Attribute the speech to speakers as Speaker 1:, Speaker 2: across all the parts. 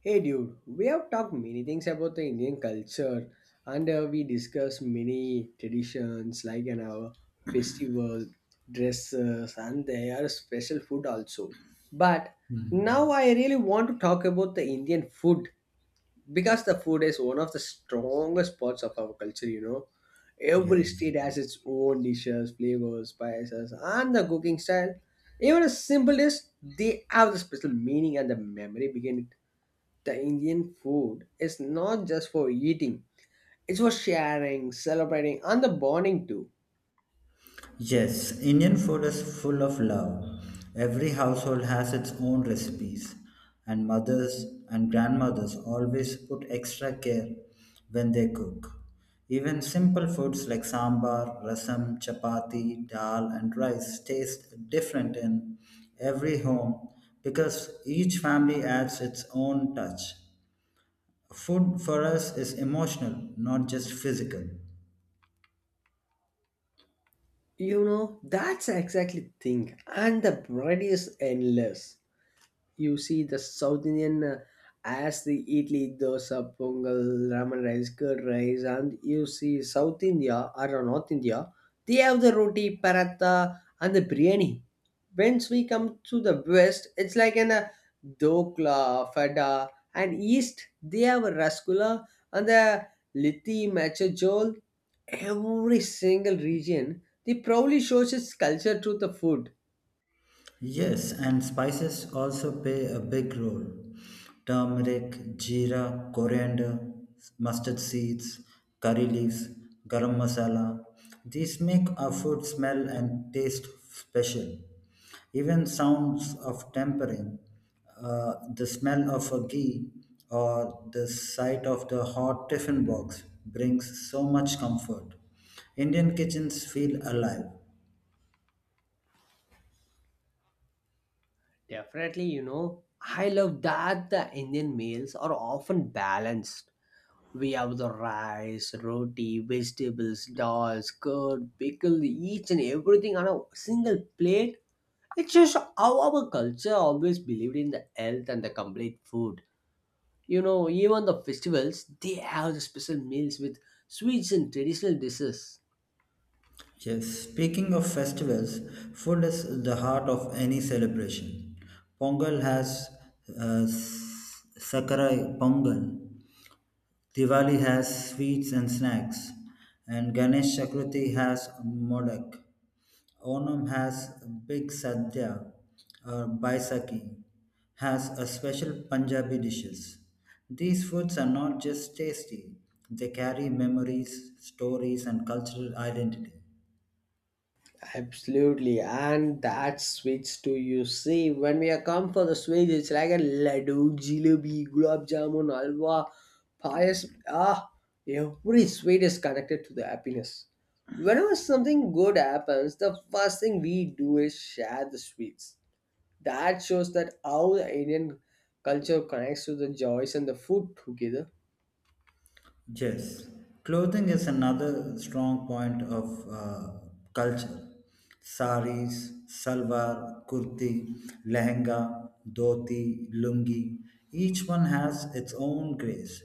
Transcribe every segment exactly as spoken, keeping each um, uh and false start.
Speaker 1: Hey dude, we have talked many things about the Indian culture and uh, we discussed many traditions like an our festival, dresses and their special food also. But now
Speaker 2: Hmm.
Speaker 1: I really want to talk about the Indian food because the food is one of the strongest parts of our culture, you know. Every
Speaker 2: Yes.
Speaker 1: state has its own dishes, flavors, spices and the cooking style. Even a simple dish, they have the special meaning and the memory behind the Indian food is not just for eating, it's for sharing, celebrating, and the bonding too.
Speaker 2: Yes, Indian food is full of love. Every household has its own recipes, and mothers and grandmothers always put extra care when they cook. Even simple foods like sambar, rasam, chapati, dal, and rice taste different in every home because each family adds its own touch. Food for us is emotional, not just physical.
Speaker 1: You know, that's exactly thing. And the bread is endless. You see the South Indian uh, as the idli, dosa, pongal, ramen rice, curd rice, and you see South India or North India, they have the roti, paratha, and the biryani. Once we come to the West, it's like an uh, dokla, fada, and East they have a rasgulla and the litti, machajol. Every single region they proudly shows its culture through the food.
Speaker 2: Yes, and spices also play a big role. Turmeric, jeera, coriander, mustard seeds, curry leaves, garam masala. These make our food smell and taste special. Even sounds of tempering, uh, the smell of a ghee or the sight of the hot tiffin box brings so much comfort. Indian kitchens feel alive.
Speaker 1: Definitely, you know, I love that the Indian meals are often balanced. We have the rice, roti, vegetables, dals, curd, pickle, each and everything on a single plate. It shows how our culture always believed in the health and the complete food. You know, even the festivals, they have the special meals with sweets and traditional dishes.
Speaker 2: Yes, speaking of festivals, food is the heart of any celebration. Pongal has uh, s- Sakarai Pongal, Diwali has sweets and snacks, and Ganesh Chakrathi has Modak. Onam has Big Sadhya or Baisakhi, has a special Punjabi dishes. These foods are not just tasty, they carry memories, stories, and cultural identity.
Speaker 1: Absolutely, and that sweets too. You see, when we are come for the sweets, it's like a laddu, jalebi, gulab jamun, halwa, pies. Ah, every sweet is connected to the happiness. Whenever something good happens, the first thing we do is share the sweets. That shows that how the Indian culture connects to the joys and the food together.
Speaker 2: Yes, clothing is another strong point of uh, culture. Saris, salwar, kurti, lehenga, dhoti, lungi, each one has its own grace.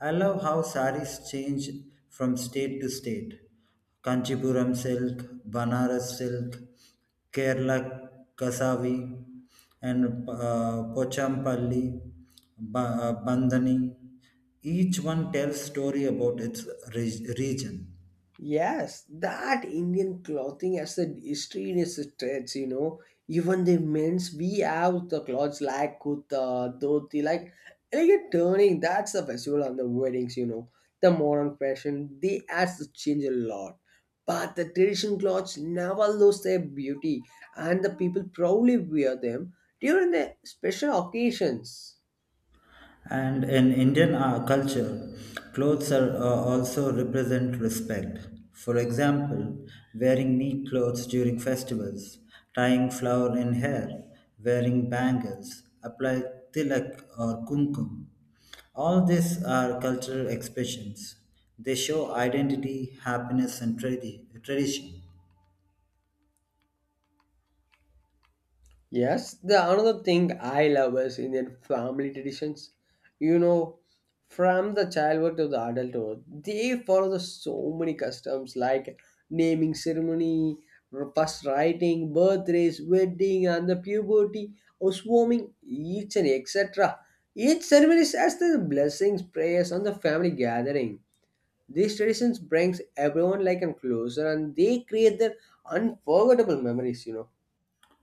Speaker 2: I love how saris change from state to state. Kanchipuram silk, Banaras silk, Kerala kasavi, and uh, Pochampalli, ba- uh, Bandhani. Each one tells story about its re- region.
Speaker 1: Yes, that Indian clothing has a history in its stretch, you know. Even the men's, we have the clothes like kurta, dhoti, like elegant turning. That's the festival on the weddings, you know. The modern fashion, they has to change a lot. But the traditional clothes never lose their beauty, and the people proudly wear them during the special occasions.
Speaker 2: And in Indian uh, culture, clothes are uh, also represent respect. For example, wearing neat clothes during festivals, tying flower in hair, wearing bangles, apply tilak or kumkum. All these are cultural expressions. They show identity, happiness, and tradi- tradition.
Speaker 1: Yes, the another thing I love is Indian family traditions. You know, from the childhood to the adulthood, they follow the so many customs like naming ceremony, first writing, birthdays, wedding, and the puberty, or swarming, each and etc. Each ceremony has the blessings, prayers, and the family gathering. These traditions brings everyone like and closer, and they create their unforgettable memories. You know.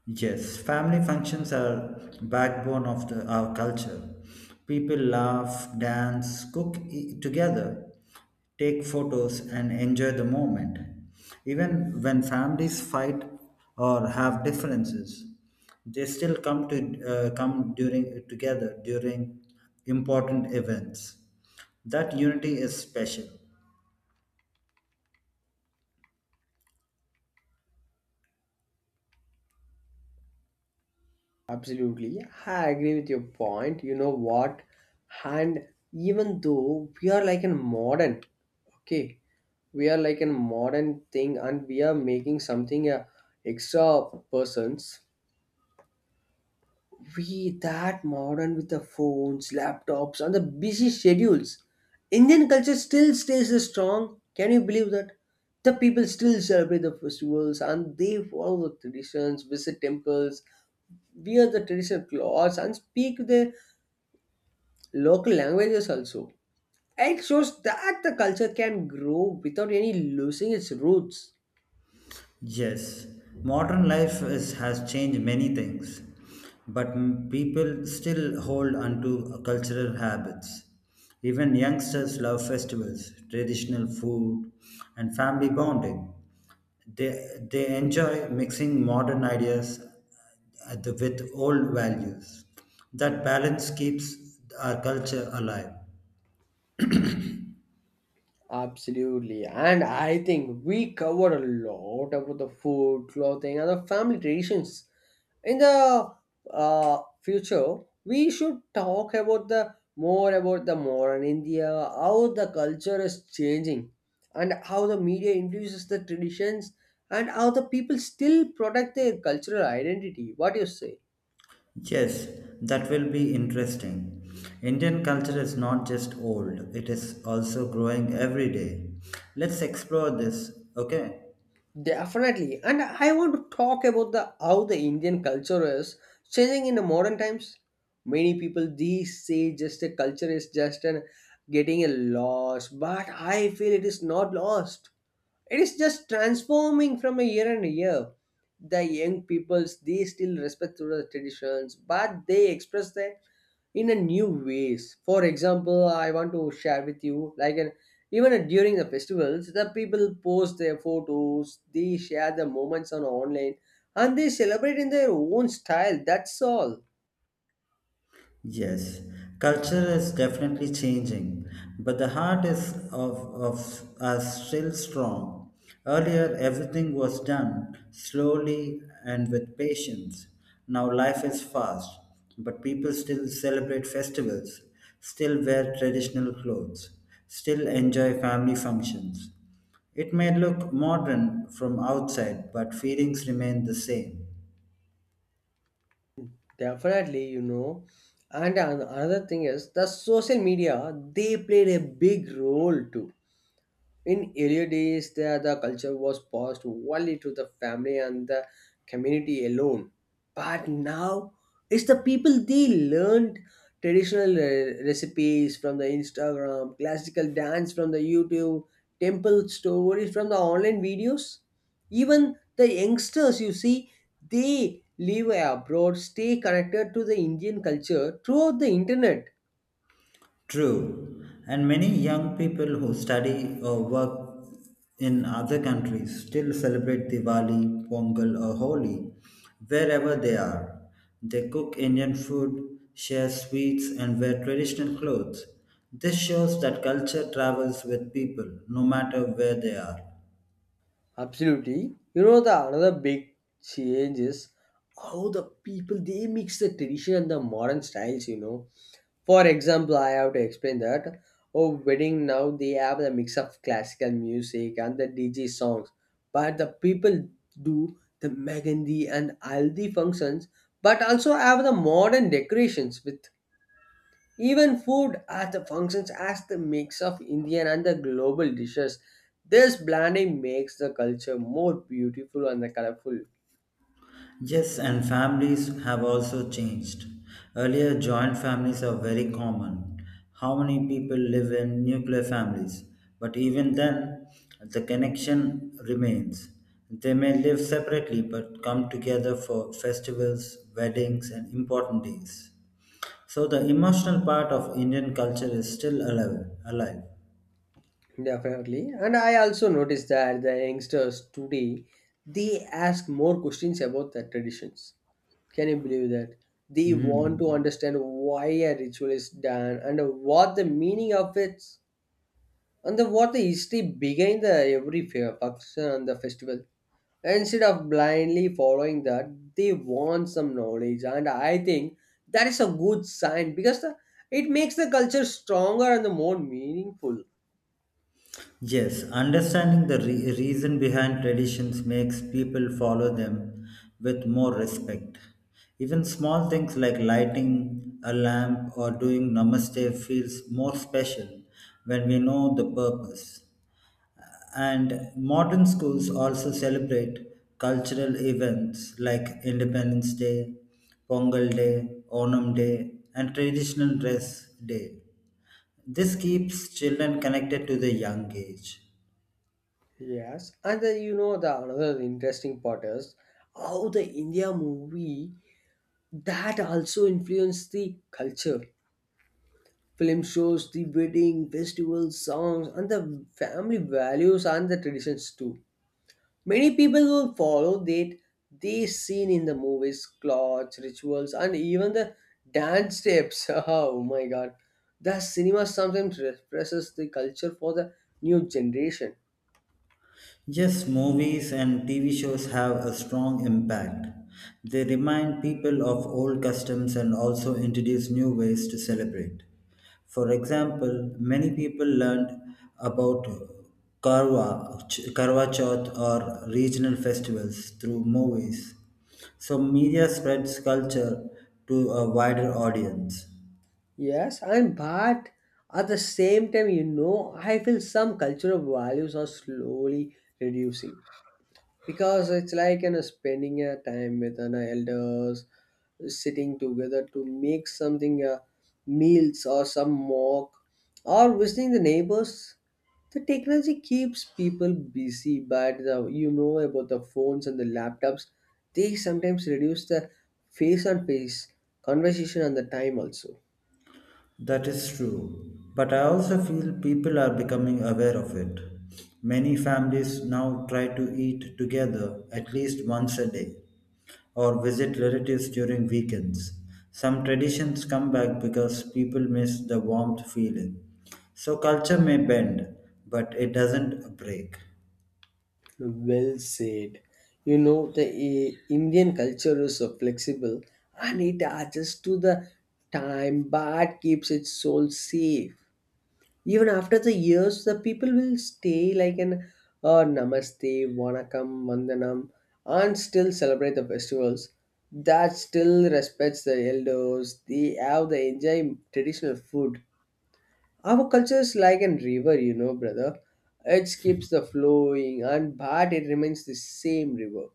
Speaker 2: Yes, family functions are backbone of the, our culture. People laugh, dance, cook e- together, take photos and enjoy the moment. Even when families fight or have differences, they still come to uh, come during together during important events. That unity is special.
Speaker 1: Absolutely. I agree with your point. You know what? And even though we are like a modern, okay, we are like a modern thing and we are making something uh, extra persons. We that modern with the phones, laptops, and the busy schedules. Indian culture still stays strong. Can you believe that? The people still celebrate the festivals and they follow the traditions, visit temples, wear the traditional clothes, and speak the local languages also. It shows that the culture can grow without any losing its roots.
Speaker 2: Yes, modern life is, has changed many things, but m- people still hold onto cultural habits. Even youngsters love festivals, traditional food, and family bonding. They, they enjoy mixing modern ideas at the- with old values. That balance keeps our culture alive.
Speaker 1: Absolutely. And I think we covered a lot about the food, clothing, and the family traditions. In the uh, future, we should talk about the more about the modern India, how the culture is changing, and how the media influences the traditions, and how the people still protect their cultural identity. What do you say?
Speaker 2: Yes, that will be interesting. Indian culture is not just old, it is also growing every day. Let's explore this, okay?
Speaker 1: Definitely. And I want to talk about the how the Indian culture is changing in the modern times. Many people these say just a culture is just an getting a loss, but I feel it is not lost. It is just transforming from a year and a year. The young peoples they still respect to the traditions, but they express their in a new ways. For example, I want to share with you like an even during the festivals, the people post their photos, they share the moments on online, and they celebrate in their own style. That's all.
Speaker 2: Yes, culture is definitely changing, but the heart is of, of us still strong. Earlier, everything was done slowly and with patience. Now life is fast, but people still celebrate festivals, still wear traditional clothes, still enjoy family functions. It may look modern from outside, but feelings remain the same.
Speaker 1: Definitely you know And an- another thing is the social media. They played a big role too. In earlier days, the, the culture was passed only to the family and the community alone. But now, it's the people they learned traditional uh, recipes from the Instagram, classical dance from the YouTube, temple stories from the online videos. Even the youngsters, you see, they live abroad, stay connected to the Indian culture throughout the internet.
Speaker 2: True, and many young people who study or work in other countries still celebrate Diwali, Pongal, or Holi wherever they are. They cook Indian food, share sweets, and wear traditional clothes. This shows that culture travels with people no matter where they are.
Speaker 1: Absolutely. You know the another big change is how the people they mix the tradition and the modern styles, you know. For example, I have to explain that. Oh wedding now they have the mix of classical music and the D J songs. But the people do the Mehndi and Aldi functions, but also have the modern decorations with even food as the functions as the mix of Indian and the global dishes. This blending makes the culture more beautiful and the colorful.
Speaker 2: Yes, and families have also changed. Earlier, joint families are very common. How many people live in nuclear families? But even then, the connection remains. They may live separately but come together for festivals, weddings, and important days. So, the emotional part of Indian culture is still alive. alive.
Speaker 1: Definitely. And I also noticed that the youngsters today they ask more questions about the traditions. Can you believe that? They want to
Speaker 2: Mhm.
Speaker 1: understand why a ritual is done and what the meaning of it and the what the history behind the every fair function and the festival. Instead of blindly following that, they want some knowledge, and I think that is a good sign because the, it makes the culture stronger and the more meaningful.
Speaker 2: Yes, understanding the re- reason behind traditions makes people follow them with more respect. Even small things like lighting a lamp or doing namaste feels more special when we know the purpose. And modern schools also celebrate cultural events like Independence Day, Pongal Day, Onam Day, and traditional dress day. This keeps children connected to the young age.
Speaker 1: Yes, and the, you know the another interesting part is how the India movie that also influenced the culture. Film shows, the wedding, festivals, songs, and the family values and the traditions too. Many people will follow that they seen in the movies, clothes, rituals, and even the dance steps. Oh my god. The cinema sometimes represses the culture for the new generation.
Speaker 2: Yes, movies and T V shows have a strong impact. They remind people of old customs and also introduce new ways to celebrate. For example, many people learned about Karwa, Karwa Chauth or regional festivals through movies. So, media spreads culture to a wider audience.
Speaker 1: Yes, and but at the same time, you know, I feel some cultural values are slowly reducing. Because it's like you know, spending a time with an elders, sitting together to make something uh, meals or some mock or visiting the neighbors. The technology keeps people busy, but the, you know about the phones and the laptops, they sometimes reduce the face on face conversation and the time also.
Speaker 2: That is true. But I also feel people are becoming aware of it. Many families now try to eat together at least once a day or visit relatives during weekends. Some traditions come back because people miss the warmth feeling. So culture may bend, but it doesn't break.
Speaker 1: Well said. You know, the eh, Indian culture is so flexible and it adjusts to the time but keeps its soul safe. Even after the years, the people will stay like an uh, namaste, vanakkam, vandanam, and still celebrate the festivals. That still respects the elders. They have the enjoy traditional food. Our culture is like a river, you know, brother. It keeps the flowing, and but it remains the same river.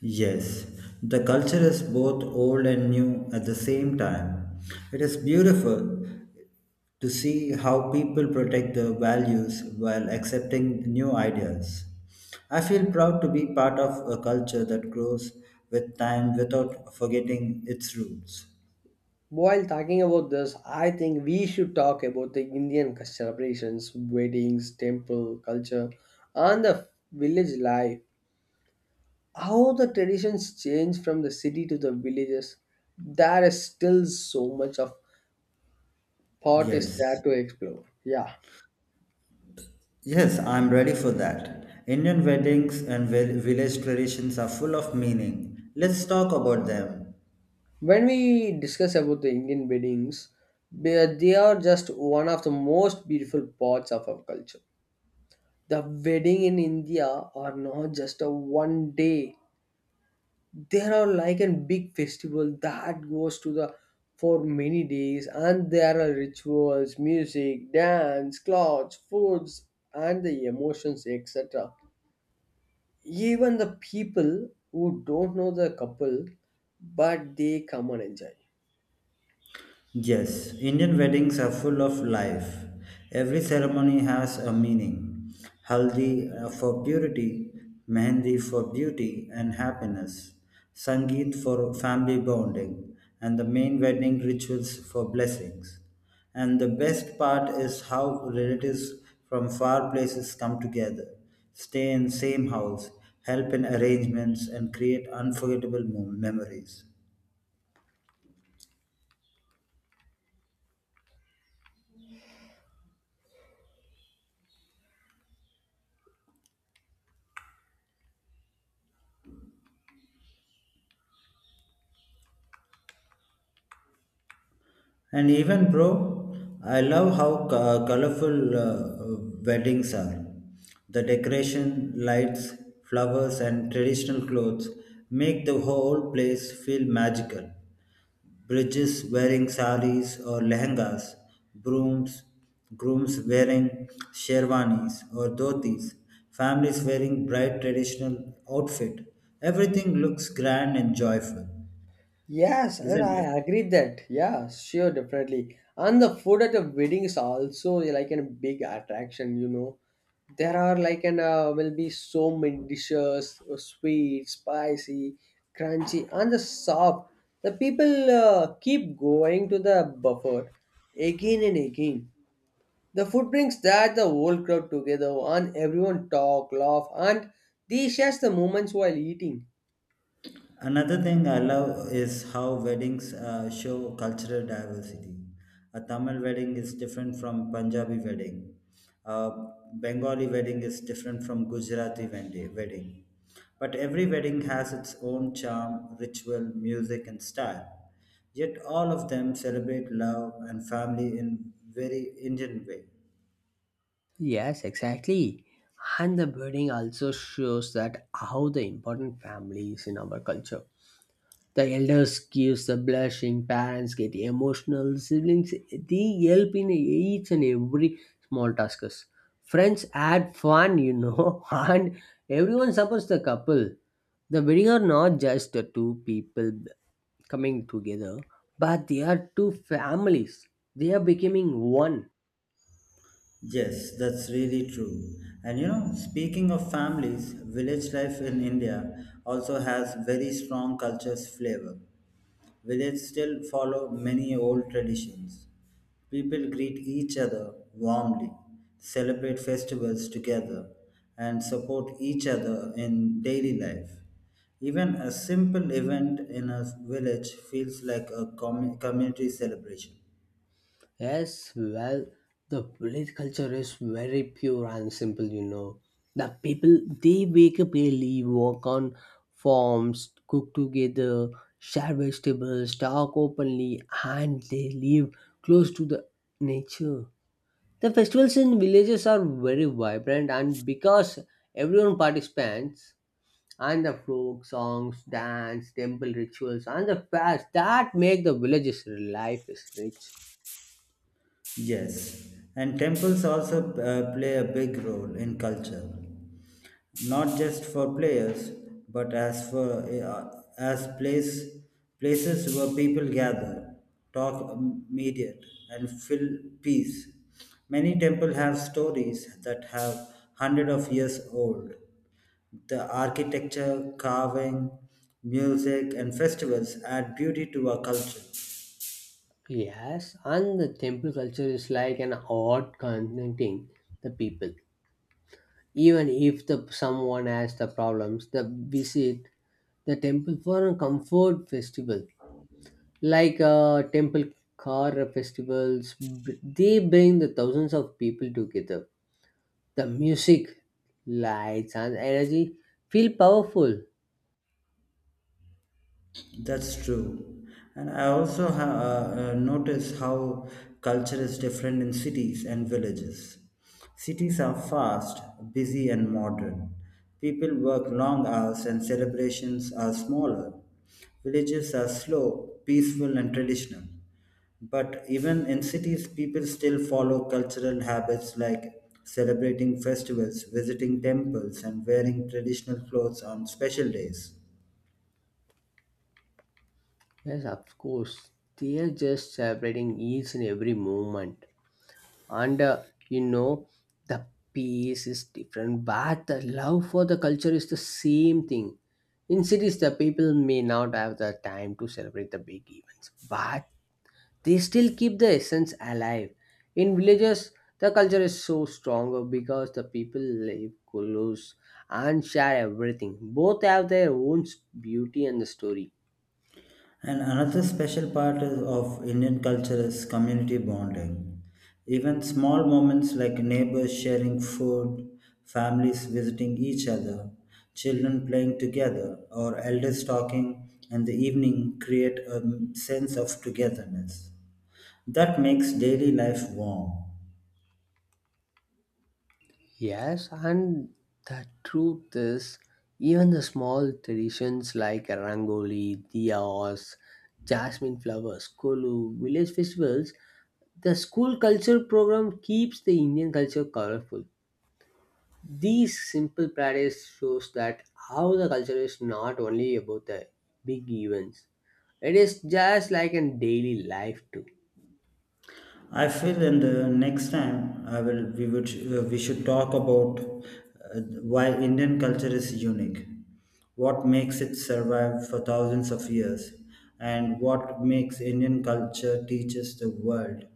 Speaker 2: Yes, the culture is both old and new at the same time. It is beautiful to see how people protect their values while accepting new ideas. I feel proud to be part of a culture that grows with time without forgetting its roots.
Speaker 1: While talking about this, I think we should talk about the Indian celebrations, weddings, temple culture, and the village life. How the traditions change from the city to the villages. There is still so much of thought is there
Speaker 2: Yes.
Speaker 1: to explore. Yeah.
Speaker 2: Yes, I'm ready for that. Indian weddings and vil- village traditions are full of meaning. Let's talk about them.
Speaker 1: When we discuss about the Indian weddings, they they are just one of the most beautiful parts of our culture. The wedding in India are not just a one day, they are like a big festival that goes to the for many days, and there are rituals, music, dance, clothes, foods, and the emotions, etc. Even the people who don't know the couple, but they come and enjoy.
Speaker 2: Yes, Indian weddings are full of life. Every ceremony has a meaning. Haldi uh, for purity, mehendi for beauty and happiness, Sangeet for family bonding, and the main wedding rituals for blessings. And the best part is how relatives from far places come together, stay in same house, help in arrangements and create unforgettable mem- memories. And even, bro, I love how co- colorful uh, weddings are. The decoration, lights, flowers, and traditional clothes make the whole place feel magical. Bridges wearing saris or lehengas, brooms, grooms wearing sherwanis or dhotis, families wearing bright traditional outfit. Everything looks grand and joyful,
Speaker 1: Yes, and
Speaker 2: isn't
Speaker 1: I
Speaker 2: it?
Speaker 1: agree that. Yeah, sure, definitely. And the food at a wedding is also like a big attraction, you know. There are like an uh, will be so many dishes, uh, sweet, spicy, crunchy, and the soft. The people uh, keep going to the buffet again and again. The food brings that the whole crowd together, and everyone talk, laugh, and they share the moments while eating.
Speaker 2: Another thing I love is how weddings uh, show cultural diversity. A Tamil wedding is different from Punjabi wedding. A Bengali wedding is different from Gujarati wed- wedding. But every wedding has its own charm, ritual, music, and style. Yet all of them celebrate love and family in very Indian way.
Speaker 1: Yes, exactly. And the building also shows that how the important family is in our culture. The elders gives the blushing, parents get emotional, siblings they help in each and every small tasks. Friends add fun, you know, and everyone supports the couple. The wedding are not just the two people b- coming together, but they are two families. They are becoming one.
Speaker 2: Yes, that's really true. And you know, speaking of families, village life in India also has very strong culture's flavor. Villages still follow many old traditions. People greet each other warmly, celebrate festivals together, and support each other in daily life. Even a simple event in a village feels like a commu- community celebration.
Speaker 1: Yes, well, the village culture is very pure and simple, you know. The people, they wake up early, work on farms, cook together, share vegetables, talk openly, and they live close to the nature. The festivals in villages are very vibrant, and because everyone participates, and the folk songs, dance, temple rituals, and the fairs that make the village's life is rich.
Speaker 2: Yes, and temples also uh, play a big role in culture, not just for players, but as for uh, as place places where people gather, talk, meditate, and feel peace. Many temples have stories that have hundred of years old. The architecture, carving, music, and festivals add beauty to our culture.
Speaker 1: Yes, and the temple culture is like an art connecting the people. Even if the someone has the problems, they visit the temple for a comfort festival, like uh, temple car festivals. b- They bring the thousands of people together. The music, lights, and energy feel powerful.
Speaker 2: That's true. And I also ha- uh, uh, notice how culture is different in cities and villages. Cities are fast, busy, and modern. People work long hours and celebrations are smaller. Villages are slow, peaceful, and traditional. But even in cities, people still follow cultural habits like celebrating festivals, visiting temples, and wearing traditional clothes on special days.
Speaker 1: Yes, of course, they are just celebrating each and every moment. And uh, you know the pace is different, but the love for the culture is the same thing. In cities, the people may not have the time to celebrate the big events, but they still keep the essence alive. In villages, the culture is so stronger because the people live close and share everything. Both have their own beauty and the story.
Speaker 2: And another special part is- of Indian culture is community bonding. Even small moments like neighbors sharing food, families visiting each other, children playing together, or elders talking in the evening create a sense of togetherness that makes daily life warm.
Speaker 1: Yes, and the truth is, even the small traditions like rangoli, diyas, jasmine flowers, kolu, village festivals, the school culture program keeps the Indian culture colorful. These simple practice shows that how the culture is not only about the big events; it is just like in daily life too.
Speaker 2: I feel in the next time I will we would uh, we should talk about uh, why Indian culture is unique, what makes it survive for thousands of years, and what makes Indian culture teaches the world.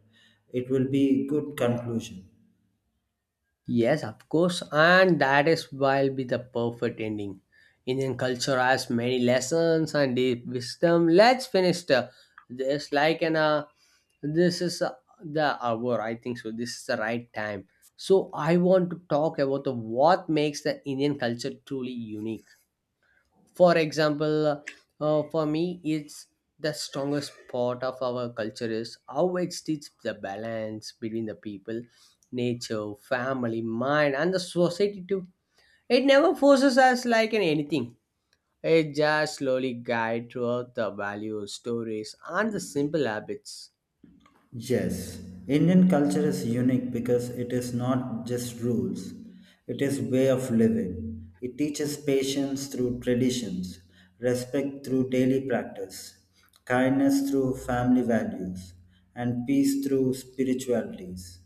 Speaker 2: It will be good conclusion.
Speaker 1: Yes, of course, and that is why will be the perfect ending. Indian culture has many lessons and deep wisdom. Let's finish the, this like an uh, this is uh, the hour. I think so. This is the right time. So I want to talk about the what makes the Indian culture truly unique. For example, uh, for me, it's the strongest part of our culture is how it teaches the balance between the people, nature, family, mind, and the society too. It never forces us like in anything. It just slowly guides throughout the values, stories, and the simple habits.
Speaker 2: Yes, Indian culture is unique because it is not just rules, it is way of living. It teaches patience through traditions, respect through daily practice, kindness through family values, and peace through spiritualities.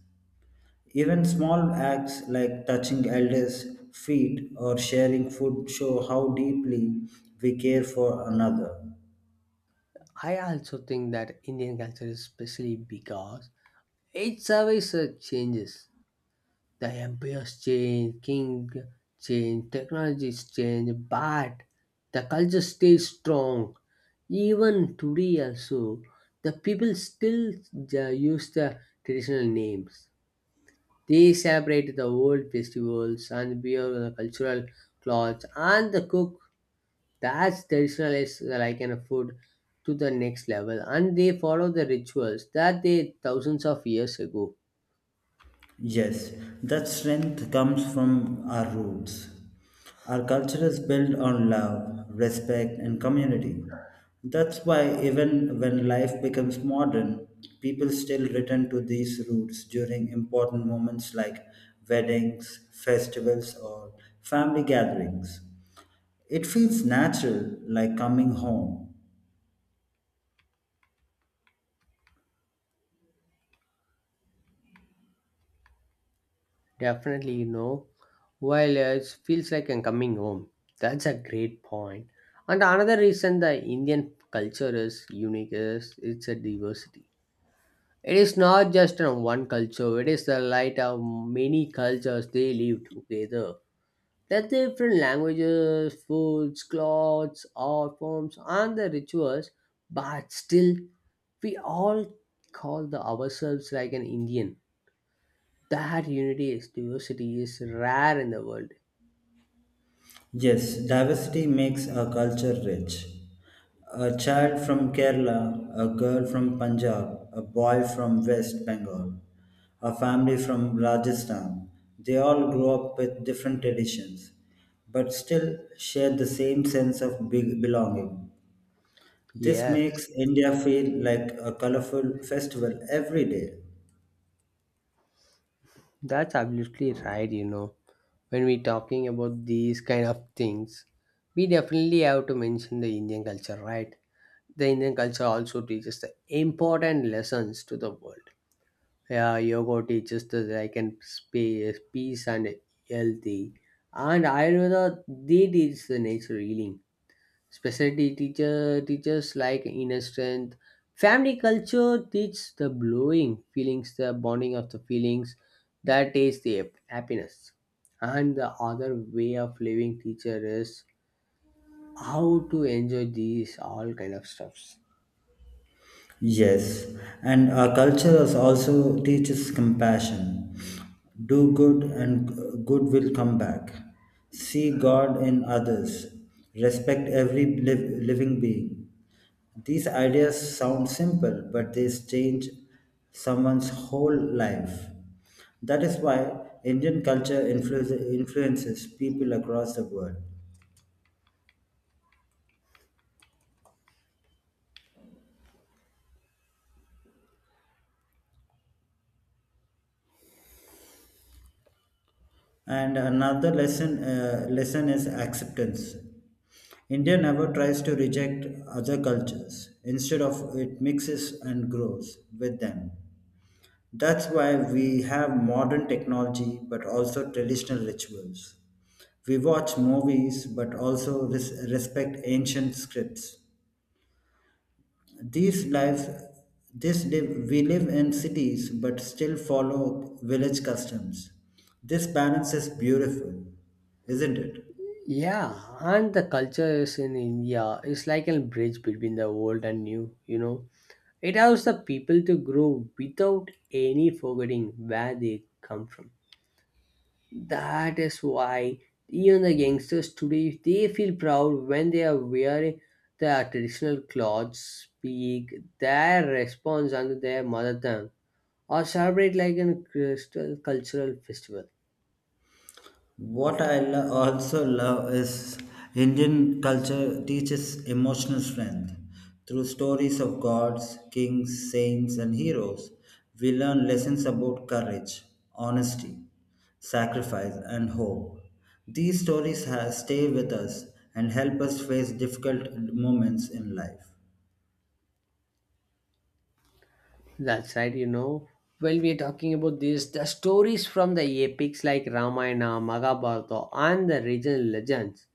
Speaker 2: Even small acts like touching elders' feet or sharing food show how deeply we care for another.
Speaker 1: I also think that Indian culture is especially because it survives the changes. The empires change, king change, technologies change, but the culture stays strong. Even today also, the people still uh, use the traditional names. They celebrate the old festivals and wear the cultural clothes, and the cook that's traditional is like an food to the next level, and they follow the rituals that they thousands of years ago.
Speaker 2: Yes, that strength comes from our roots. Our culture is built on love, respect, and community. That's why, even when life becomes modern, people still return to these roots during important moments like weddings, festivals, or family gatherings. It feels natural, like coming home.
Speaker 1: Definitely, you know, while uh, it feels like I'm coming home. That's a great point. And another reason the Indian culture is unique is it's a diversity. It is not just uh, one culture, it is the light of many cultures they live together. There are different languages, foods, clothes, art forms, and the rituals, but still, we all call the ourselves like an Indian. That unity is diversity is rare in the world.
Speaker 2: Yes, diversity makes a culture rich. A child from Kerala, a girl from Punjab, a boy from West Bengal, a family from Rajasthan, they all grow up with different traditions, but still share the same sense of big belonging. This
Speaker 1: Yes,
Speaker 2: makes India feel like a colorful festival every day.
Speaker 1: that's absolutely right, you know. When we're talking about these kind of things, we definitely have to mention the Indian culture, right? The Indian culture also teaches the important lessons to the world. Yeah, yoga teaches the like and space, peace and healthy. And Ayurveda they teach the nature healing. Specialty teacher teachers like inner strength. Family culture teaches the blowing feelings, the bonding of the feelings. That is the hap- happiness. And the other way of living teacher is how to enjoy these all kind of stuffs.
Speaker 2: Yes, and our culture is also teaches compassion. Do good and good will come back. See God in others. Respect every liv- living being. These ideas sound simple, but they change someone's whole life. That is why Indian culture influ- influences people across the world. And another lesson uh, lesson is acceptance. India never tries to reject other cultures. Instead of it mixes and grows with them. That's why we have modern technology but also traditional rituals. We watch movies but also res- respect ancient scripts. These lives this live, we live in cities but still follow village customs. This balance is beautiful, isn't it?
Speaker 1: Yeah, and the culture is in India is like a bridge between the old and new, you know. It allows the people to grow without any forgetting where they come from. That is why even the youngsters today they feel proud when they are wearing their traditional clothes, speak their response under their mother tongue, or celebrate like an crystal cultural festival.
Speaker 2: What I lo- also love is Indian culture teaches emotional strength through stories of gods, kings, saints, and heroes. We learn lessons about courage, honesty, sacrifice, and hope. These stories ha- stay with us and help us face difficult moments in life.
Speaker 1: That's right, you know. When we are talking about this, the stories from the epics like Ramayana, Mahabharata, and the regional legends,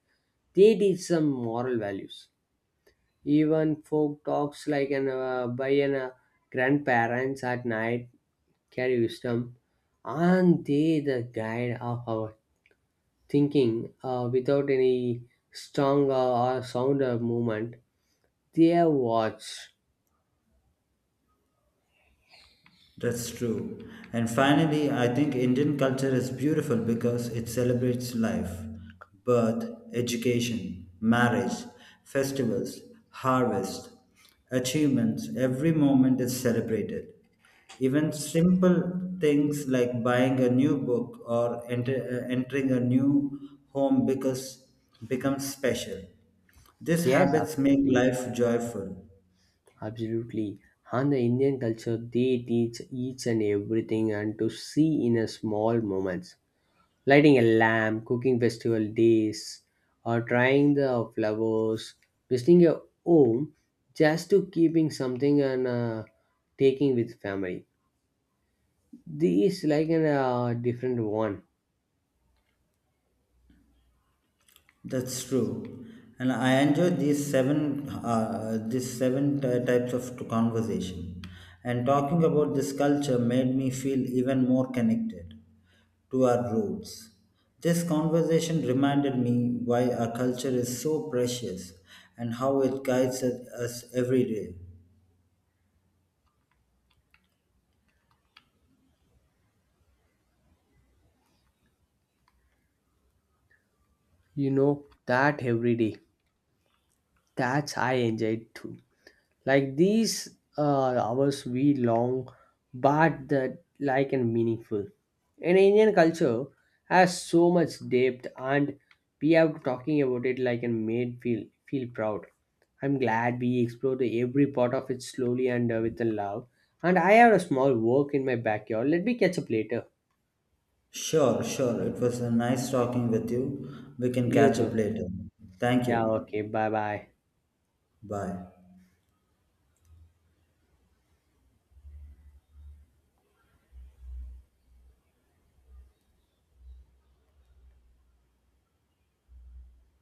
Speaker 1: they teach some moral values. Even folk talks like an uh, by an uh, grandparents at night carry wisdom, and they the guide of our thinking. Uh, without any strong uh, or sounder movement, they are watch.
Speaker 2: That's true. And finally, I think Indian culture is beautiful because it celebrates life, birth, education, marriage, festivals, harvest, achievements. Every moment is celebrated. Even simple things like buying a new book or enter, uh, entering a new home because becomes special. These
Speaker 1: Yes,
Speaker 2: habits make
Speaker 1: absolutely,
Speaker 2: life joyful.
Speaker 1: absolutely. And the Indian culture, they teach each and everything, and to see in a small moments, lighting a lamp, cooking festival days, or trying the flowers, visiting your home, just to keeping something and uh, taking with family. This is like a uh, different one.
Speaker 2: That's true, and I enjoy these seven uh, these seven ty- types of t- conversation. And talking about this culture made me feel even more connected to our roots. This conversation reminded me why our culture is so precious and how it guides us us every day.
Speaker 1: You know that every day. That's I enjoy too. Like these uh, hours we long, but that like and meaningful. And Indian culture has so much depth, and we have talking about it like and made feel feel proud. I'm glad we explored every part of it slowly and uh, with a love. And I have a small work in my backyard. Let me catch up later.
Speaker 2: Sure, sure. It was a nice talking with you. We can
Speaker 1: You
Speaker 2: catch up
Speaker 1: too.
Speaker 2: later. Thank
Speaker 1: Yeah.
Speaker 2: you.
Speaker 1: Okay. Bye. Bye.
Speaker 2: Bye.